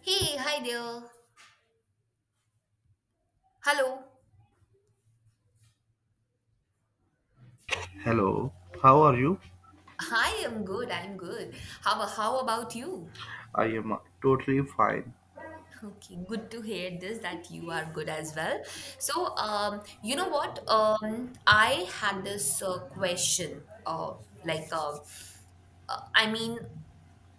Hey, hi there. Hello. Hello, how are you? I am good. I'm good. How about you? I am totally fine. Okay, good to hear this that you are good as well. You know what? I had this question of uh, I mean,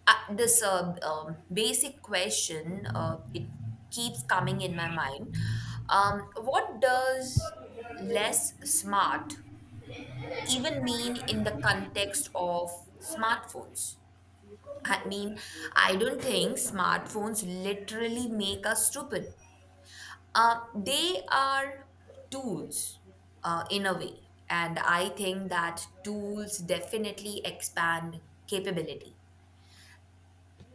this basic question it keeps coming in my mind. Um, what does less smart even mean in the context of smartphones? I mean, I don't think smartphones literally make us stupid. They are tools, in a way. And I think that tools definitely expand capability.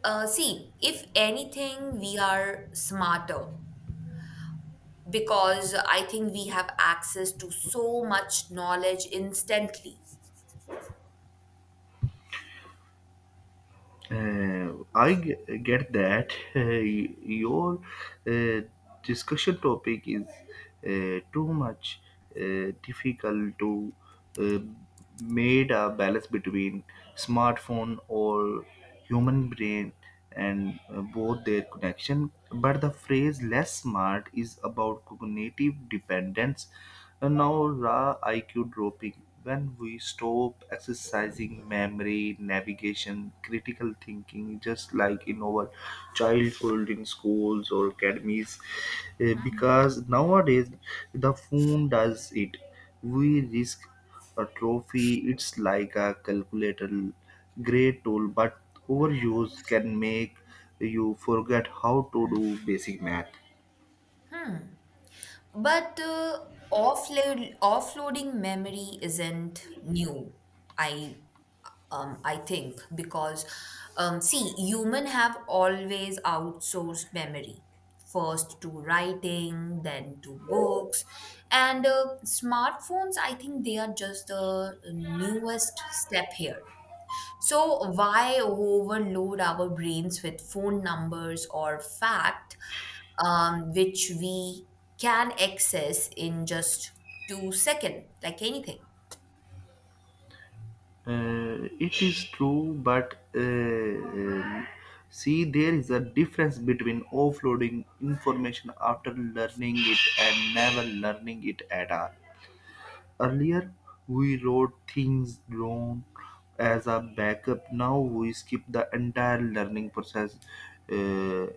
See, if anything, we are smarter because I think we have access to so much knowledge instantly. I get that your uh, discussion topic is too much difficult to uh, made a balance between smartphone or human brain. And both their connection. But the phrase less smart is about cognitive dependence. And now, raw IQ dropping. When we stop exercising memory, navigation, critical thinking, just like in our childhood in schools or academies, because nowadays the phone does it we risk atrophy. It's like a calculator, great tool, but overuse can make you forget how to do basic math. But offloading memory isn't new. I I think because, see, human have always outsourced memory first to writing, then to books, and smartphones. I think they are just the newest step here. So, why overload our brains with phone numbers or fact, which we can access in just 2 seconds, like anything? It is true, but see, there is a difference between offloading information after learning it and never learning it at all. Earlier, we wrote things down as a backup. Now we skip the entire learning process uh,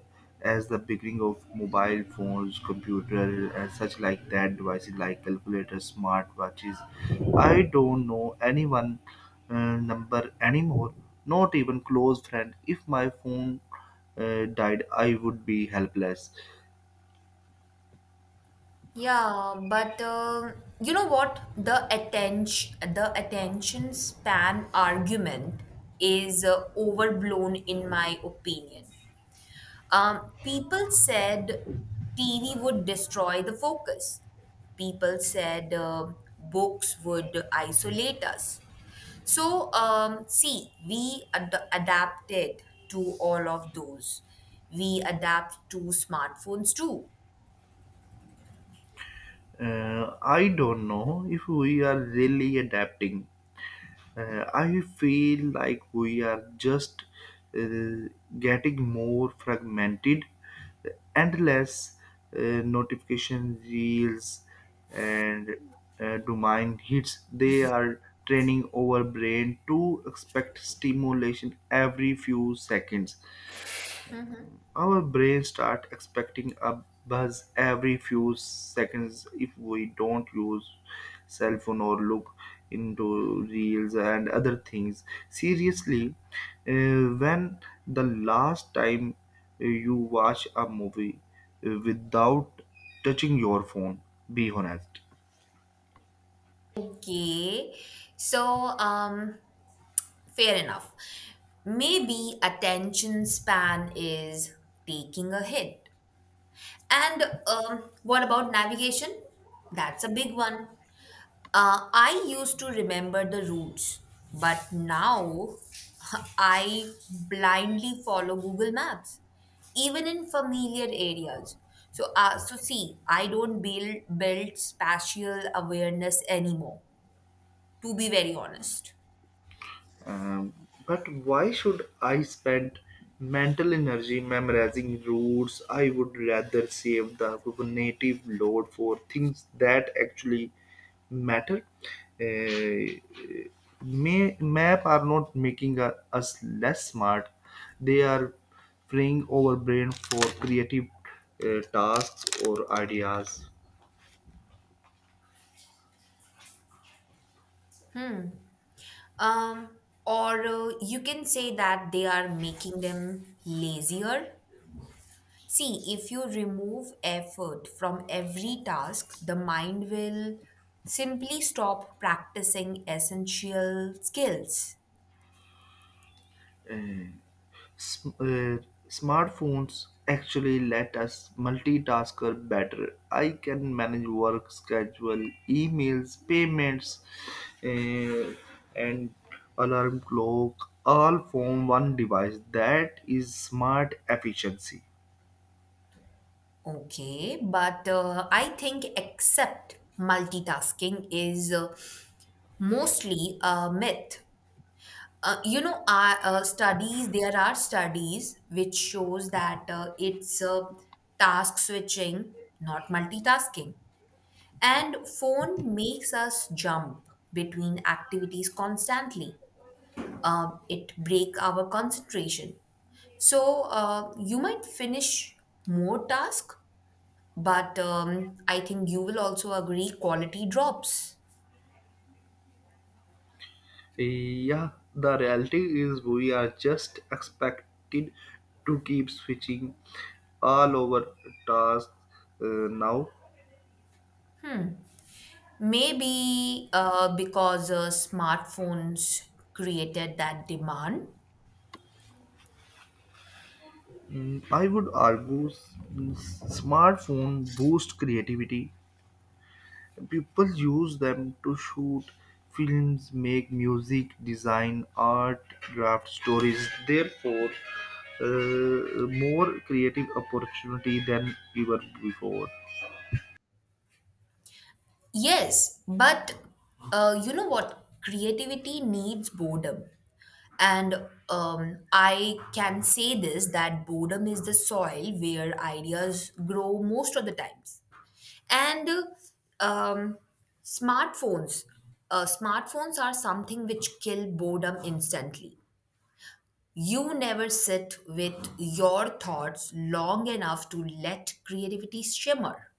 as the beginning of mobile phones, computer, and such like that devices like calculators, smartwatches. I don't know anyone number anymore. Not even close friend. If my phone died, I would be helpless. Yeah, but You know what? The attention span argument is overblown in my opinion. People said TV would destroy the focus. People said, um, books would isolate us. So, see, we adapted to all of those. We adapt to smartphones too. I don't know if we are really adapting. I feel like we are just uh, getting more fragmented, endless uh, notification reels and dopamine hits. They are training our brain to expect stimulation every few seconds. Our brains start expecting a buzz every few seconds if we don't use cell phone or look into reels and other things. Seriously, when the last time you watch a movie without touching your phone? Be honest. Okay, so, um, fair enough. Maybe attention span is taking a hit. And, what about navigation? That's a big one. I used to remember the routes, but now I blindly follow Google Maps, even in familiar areas. So, see, I don't build spatial awareness anymore. To be very honest. Um, but why should I spend mental energy memorizing rules? I would rather save the cognitive load for things that actually matter. Uh, map are not making us less smart. They are freeing our brain for creative tasks or ideas. Um, or you can say that they are making them lazier. See, if you remove effort from every task, the mind will simply stop practicing essential skills. Uh, sm- uh, smartphones actually let us multitasker better. I can manage work schedule, emails, payments, uh, and alarm clock all from one device. That is smart efficiency. Okay, but I think except multitasking is, mostly a myth. Uh, you know, our studies there are studies which shows that, it's, task switching, not multitasking, and phone makes us jump between activities constantly. It break our concentration. So, you might finish more task, but I think you will also agree quality drops. Yeah, the reality is we are just expected to keep switching all over tasks uh, now. Maybe because smartphones created that demand. I would argue smartphone boost creativity. People use them to shoot films, make music, design art, draft stories. Therefore, more creative opportunity than ever before. Yes, but, you know what? Creativity needs boredom. And, I can say this that boredom is the soil where ideas grow most of the times. And um, smartphones, smartphones are something which kill boredom instantly. You never sit with your thoughts long enough to let creativity shimmer,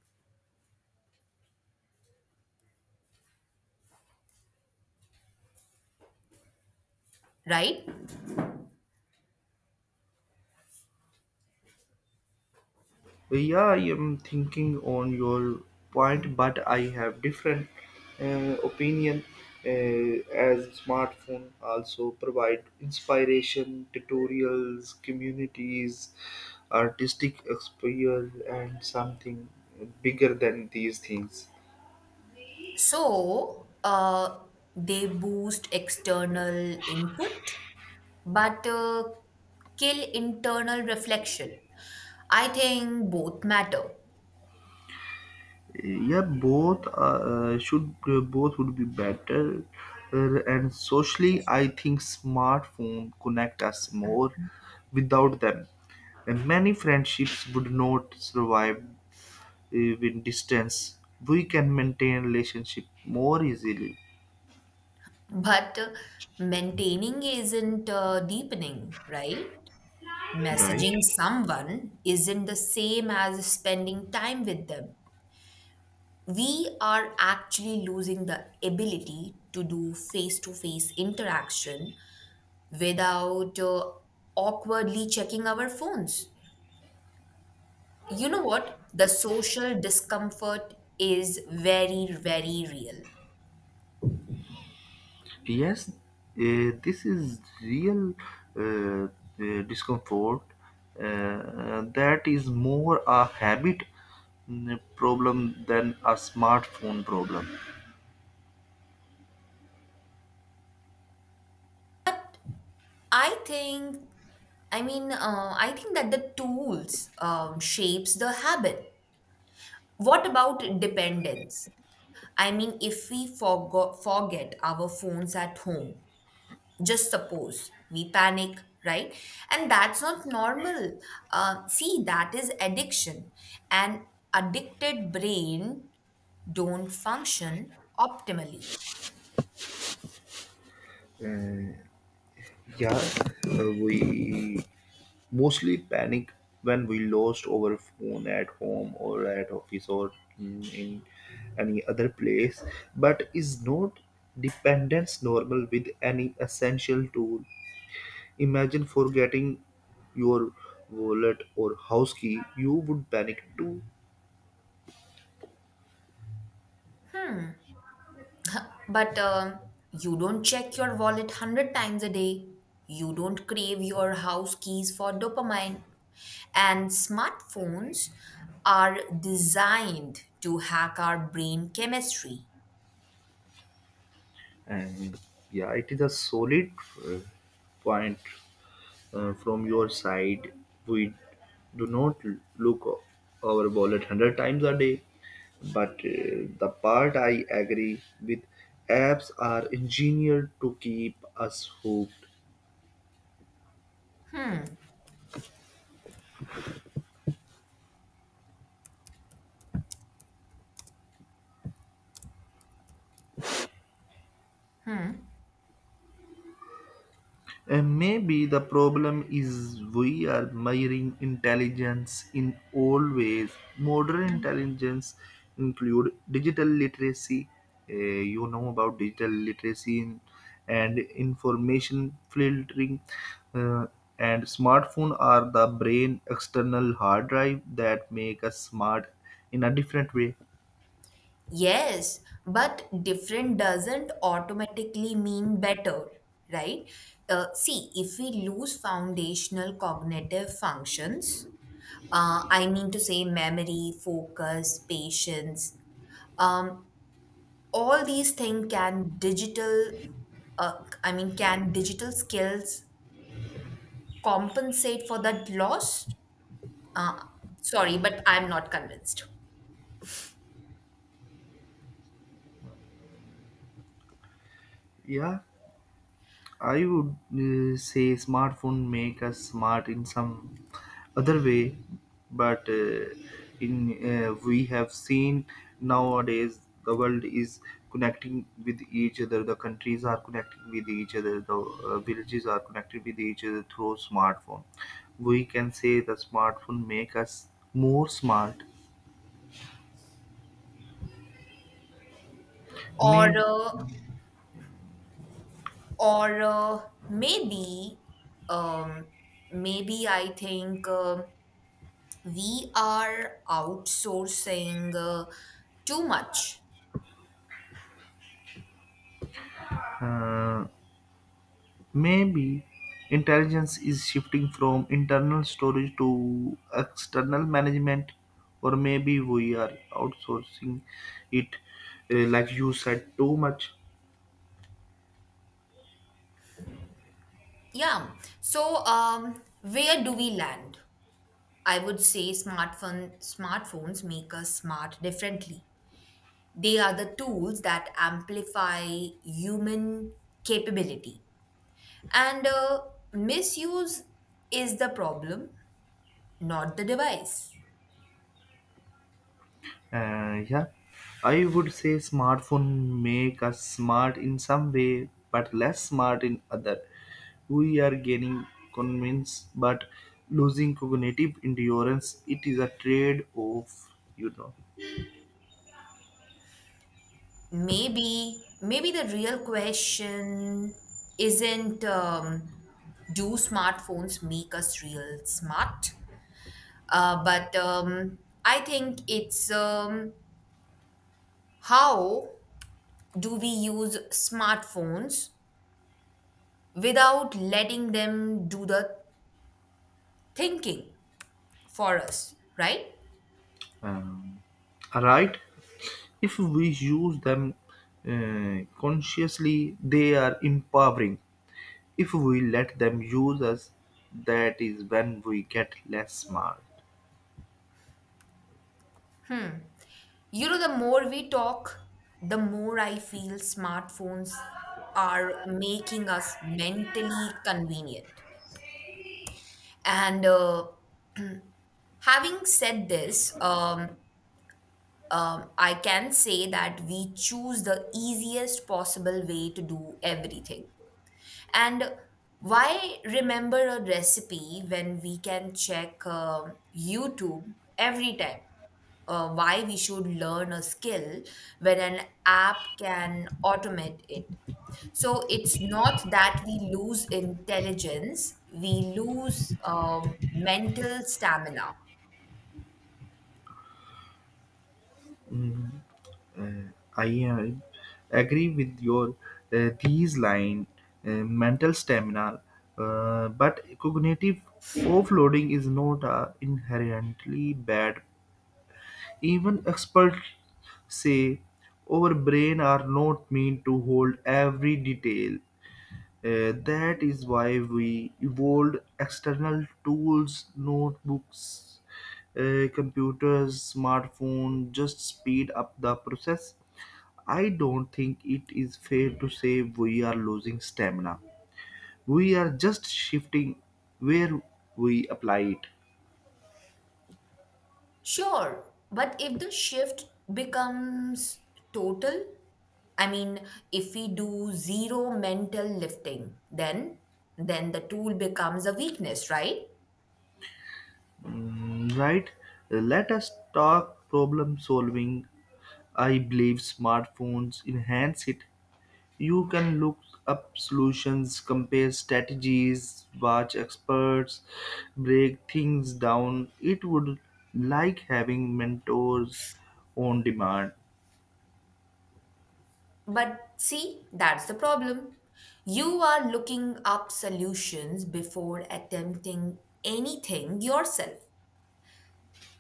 right? Yeah, I am thinking on your point, but I have different opinion. Uh, as smartphone also provide inspiration, tutorials, communities, artistic exposure, and something bigger than these things. So, uh, they boost external input, but kill internal reflection. I think both matter, Yeah, both should, both would be better. And socially I think smartphone connect us more without them. And many friendships would not survive even distance, we can maintain relationship more easily. but maintaining isn't, deepening, right? Messaging Right. someone isn't the same as spending time with them. We are actually losing the ability to do face to face interaction without awkwardly checking our phones. You know what? The social discomfort is very, very real. Yes, this is real uh, discomfort that is more a habit, problem than a smartphone problem. I think, I think that the tools, shapes the habit. What about dependence? I mean, if we forget our phones at home, just suppose we panic, right? And that's not normal. Uh, see, that is addiction. An addicted brain don't function optimally. Uh, yeah, we mostly panic when we lost our phone at home or at office or, in any other place, but is not dependence normal with any essential tool? Imagine forgetting your wallet or house key, you would panic too. But, you don't check your wallet 100 times a day. You don't crave your house keys for dopamine, and smartphones are designed to hack our brain chemistry. And yeah, it is a solid uh, point from your side. We do not look our wallet 100 times a day, but the part I agree with, apps are engineered to keep us hooked. And maybe the problem is we are measuring intelligence in old ways. Modern intelligence include digital literacy. You know about digital literacy and information filtering. Uh, and smartphone are the brain external hard drive that make us smart in a different way. Yes, but different doesn't automatically mean better, right? See, if we lose foundational cognitive functions, I mean to say memory, focus, patience, um, all these things, can digital, can digital skills compensate for that loss? Uh, sorry, but I'm not convinced. Yeah. I would say smartphone make us smart in some other way, but in we have seen nowadays the world is connecting with each other. The countries are connecting with each other. The villages are connected with each other through smartphone. We can say the smartphone make us more smart. Or May uh, or Maybe, um, maybe I think we are outsourcing too much. uh, Maybe intelligence is shifting from internal storage to external management, or maybe we are outsourcing it, like you said, too much. Yeah, so, where do we land? I would say smartphones make us smart differently. They are the tools that amplify human capability, and, misuse is the problem, not the device. Yeah, I would say smartphone make us smart in some way, but less smart in other. We are gaining convenience, but losing cognitive endurance. It is a trade-off, you know. Maybe, maybe the real question isn't, do smartphones make us real smart? But, I think it's, how do we use smartphones without letting them do the thinking for us, right? um, alright, if we use them consciously they are empowering. If we let them use us, that is when we get less smart. You know, the more we talk, the more I feel smartphones are making us mentally convenient. And, having said this, I can say that we choose the easiest possible way to do everything. And why remember a recipe when we can check, um, YouTube every time? Why we should learn a skill when an app can automate it? So it's not that we lose intelligence, we lose, mental stamina. Mm, uh, I uh, Agree with your these line, mental stamina, but cognitive offloading is not a inherently bad. Even experts say our brain are not meant to hold every detail. That is why we evolved external tools, notebooks, computers, smartphone, just speed up the process. I don't think it is fair to say we are losing stamina. We are just shifting where we apply it. Sure, but if the shift becomes total, I mean, if we do zero mental lifting, then the tool becomes a weakness, right? Right, let us talk problem solving. I believe smartphones enhance it. You can look up solutions, compare strategies, watch experts, break things down. It would like having mentors on demand. But see, that's the problem. You are looking up solutions before attempting anything yourself.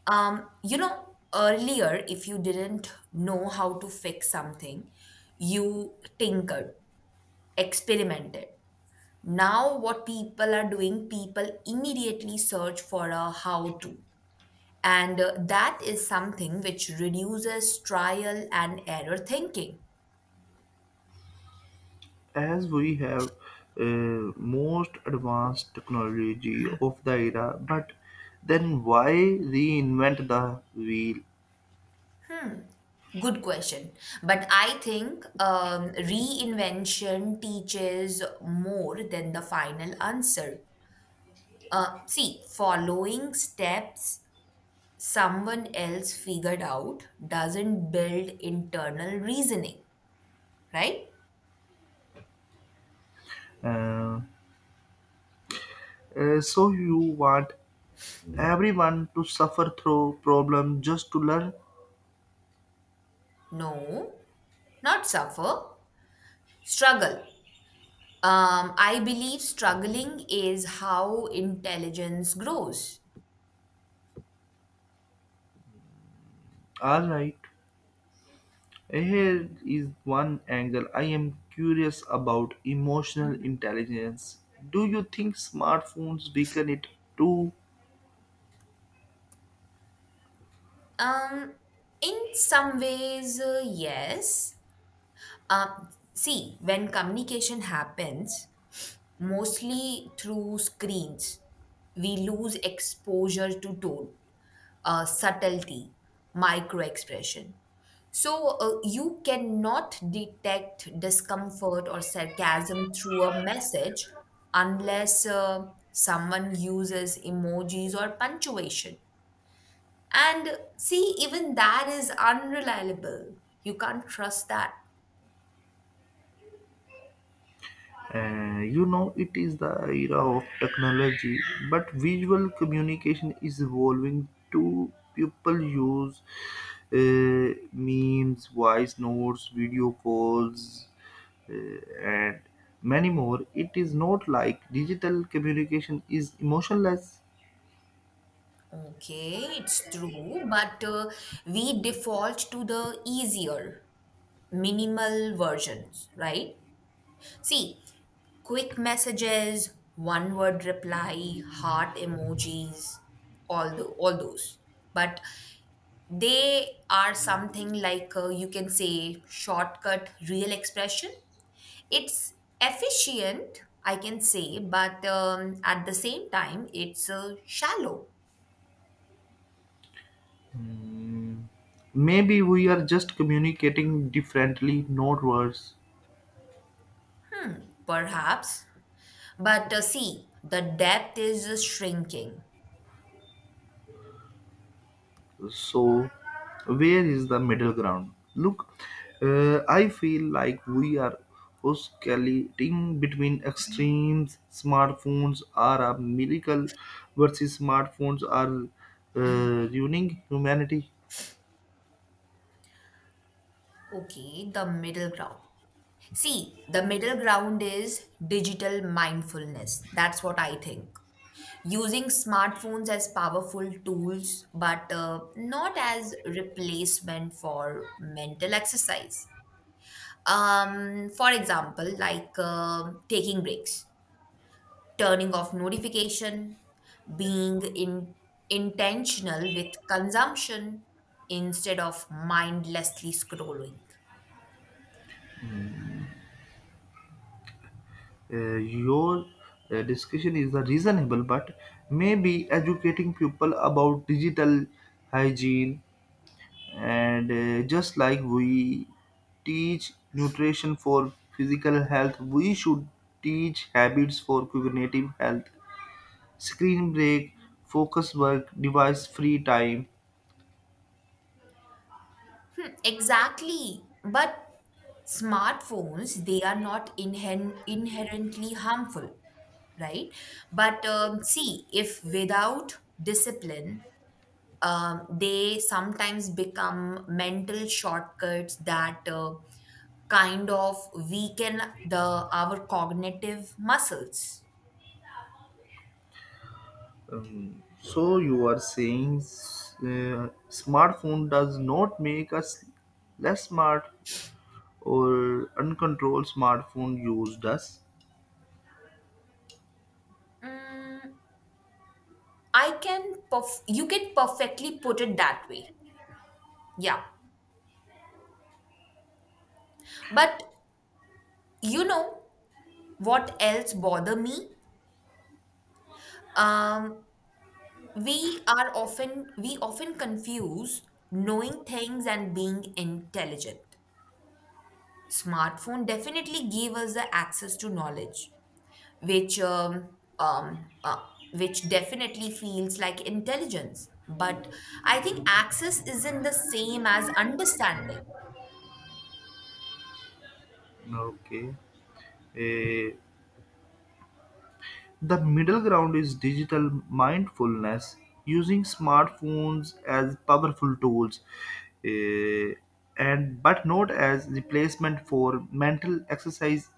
You know, earlier, if you didn't know how to fix something, you tinkered, experimented. Now, what people are doing, people immediately search for a how to. And, that is something which reduces trial and error thinking. As we have most advanced technology of the era, but then why reinvent the wheel? Good question. But I think, reinvention teaches more than the final answer. See, following steps someone else figured out doesn't build internal reasoning, right? Uh, so you want everyone to suffer through problem just to learn? No, not suffer, struggle. I believe struggling is how intelligence grows. All right. Here is one angle I am curious about emotional intelligence. Do you think smartphones weaken it too? Um, in some ways, yes. See, when communication happens, mostly through screens, we lose exposure to tone, subtlety, micro expression. So, you cannot detect discomfort or sarcasm through a message unless, someone uses emojis or punctuation. And see, even that is unreliable. You can't trust that. You know, it is the era of technology, but visual communication is evolving too. People use memes, voice notes, video calls, and many more. It is not like digital communication is emotionless. Okay, it's true, but, we default to the easier, minimal versions, right? See, quick messages, one word reply, heart emojis, all those. But they are something like, you can say shortcut real expression. It's efficient, I can say, but, at the same time, it's, shallow, Hmm, Maybe we are just communicating differently, not worse. perhaps. But, see, the depth is, shrinking. So, where is the middle ground? Look, I feel like we are oscillating between extremes. Smartphones are a miracle, versus smartphones are ruining humanity. Okay, the middle ground. See, the middle ground is digital mindfulness. That's what I think. Using smartphones as powerful tools, but, not as replacement for mental exercise. For example, like, taking breaks, turning off notification, being in, intentional with consumption instead of mindlessly scrolling. Your discussion is the reasonable, but maybe educating people about digital hygiene and just like we teach nutrition for physical health, we should teach habits for cognitive health: screen break, focus work, device free time. Hmm, exactly. But smartphones, they are not inherently harmful, right? But, see, if without discipline, they sometimes become mental shortcuts that, kind of weaken the our cognitive muscles. So you are saying smartphone does not make us less smart, or uncontrolled smartphone used us? Mm, you can perfectly put it that way. Yeah. But you know, what else bother me, um, we are often we often confuse knowing things and being intelligent. Smartphone definitely give us the access to knowledge which um, um, uh, which definitely feels like intelligence, but I think access isn't the same as understanding. Okay. Eh, The middle ground is digital mindfulness, using smartphones as powerful tools, eh, and but not as replacement for mental exercise,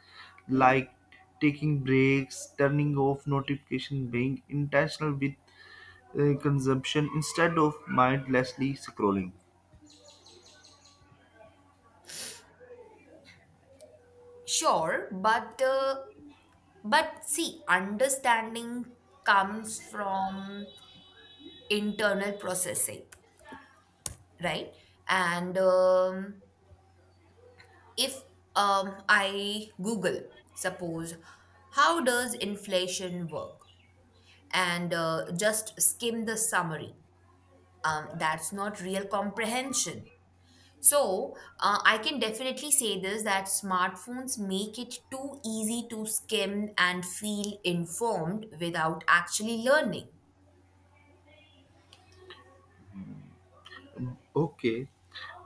like taking breaks, turning off notification, being intentional with consumption instead of mindlessly scrolling. Sure, but, see, understanding comes from internal processing, right? And, if, I Google, suppose, how does inflation work? And, just skim the summary. That's not real comprehension. So, I can definitely say this that smartphones make it too easy to skim and feel informed without actually learning. Okay,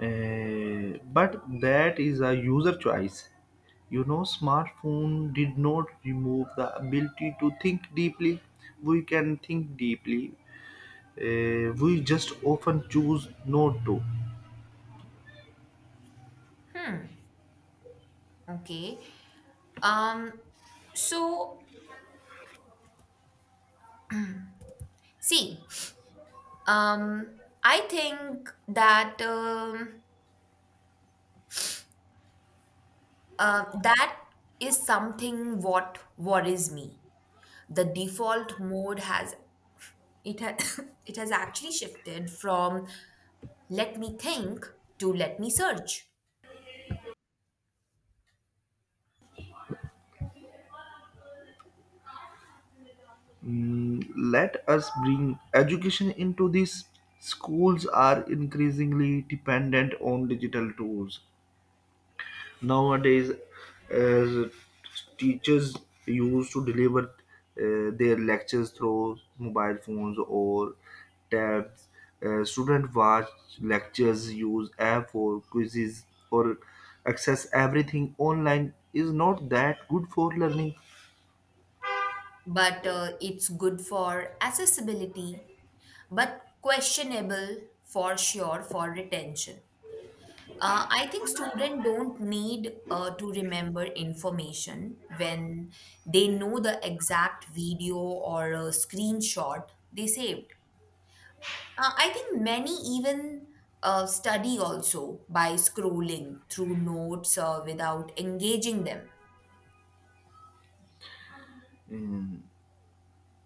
but that is a user choice. You know, smartphone did not remove the ability to think deeply. We can think deeply. We just often choose not to. Okay. Um, so see, um, I think that, that is something what worries me. The default mode has it has it has actually shifted from let me think to let me search. Let us bring education into this. Schools are increasingly dependent on digital tools nowadays, as teachers used to deliver their lectures through mobile phones or tabs. Student watch lectures, use app for quizzes, or access everything online. Is not that good for learning? But, it's good for accessibility, but questionable for sure for retention. I think students don't need, to remember information when they know the exact video or a screenshot they saved. I think many even, study also by scrolling through notes, without engaging them.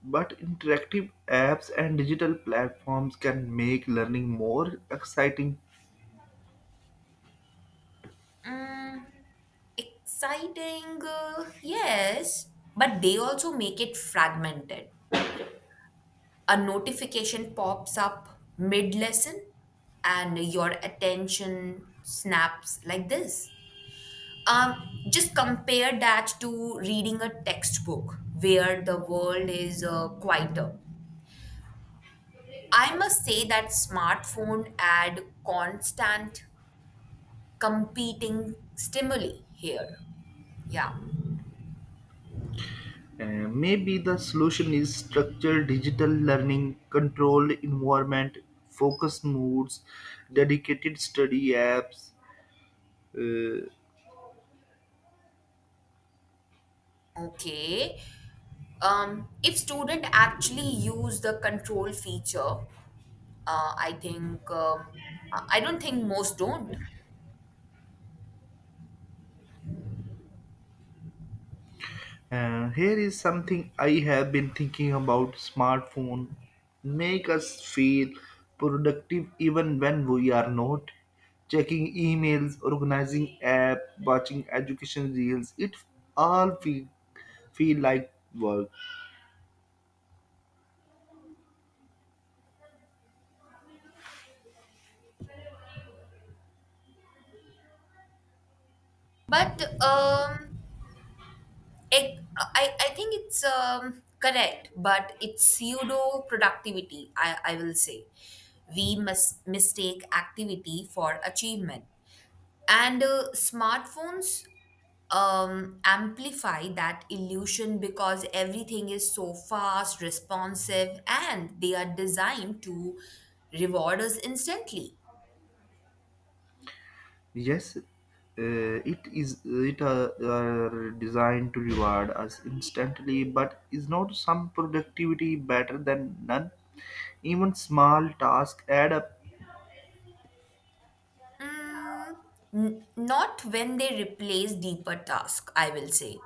But interactive apps and digital platforms can make learning more exciting. Mm, exciting, yes, but they also make it fragmented. A notification pops up mid lesson and your attention snaps like this. Um, just compare that to reading a textbook where the world is, quieter. I must say that smartphone add constant competing stimuli here. Yeah. Uh, Maybe the solution is structured digital learning, controlled environment, focused moods, dedicated study apps. Uh, Okay. If student actually use the control feature. I think, I don't think most don't, Here is something I have been thinking about smartphone. Make us feel productive even when we are not. Checking emails, organizing app, watching education reels, it all feel, feel like work. but, I think it's, correct, but it's pseudo productivity. I will say we mistake activity for achievement, and, smartphones, amplify that illusion because everything is so fast, responsive, and they are designed to reward us instantly. Yes, it is. It are designed to reward us instantly, but is not some productivity better than none? Even small tasks add up. Mm, not when they replace deeper task. I will say.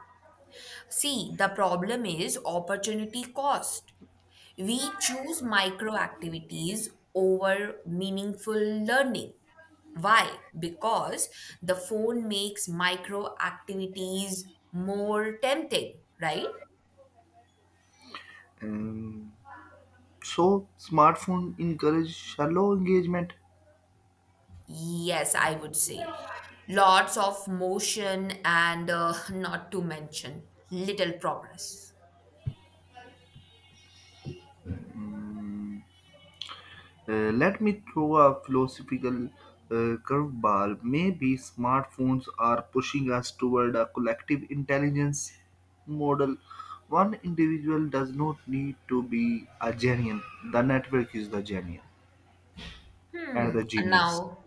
See, the problem is opportunity cost. We choose micro activities over meaningful learning. Why? Because the phone makes micro activities more tempting, right? Um, so smartphone encourage shallow engagement. Yes, I would say. Lots of motion and, not to mention little progress. Let me throw a philosophical curveball. Maybe smartphones are pushing us toward a collective intelligence model. One individual does not need to be a genius. The network is the genius and Hmm. the genius.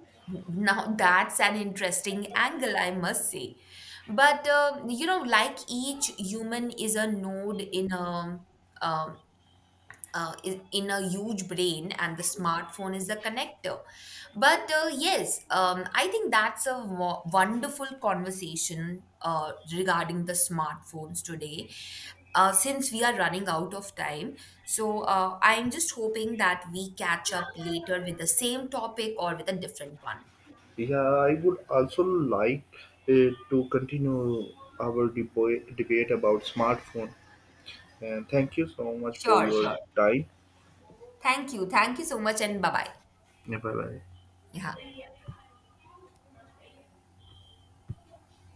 Now that's an interesting angle, I must say. But, you know, like each human is a node in a, um, in a huge brain, and the smartphone is the connector. But, yes, I think that's a wonderful conversation regarding the smartphones today. Uh, since we are running out of time, so, I'm just hoping that we catch up later with the same topic or with a different one. Yeah, I would also like to continue our debate about smartphone. And thank you so much for Sure, your sure. time. Thank you, thank you so much, and bye bye. Bye bye. Yeah.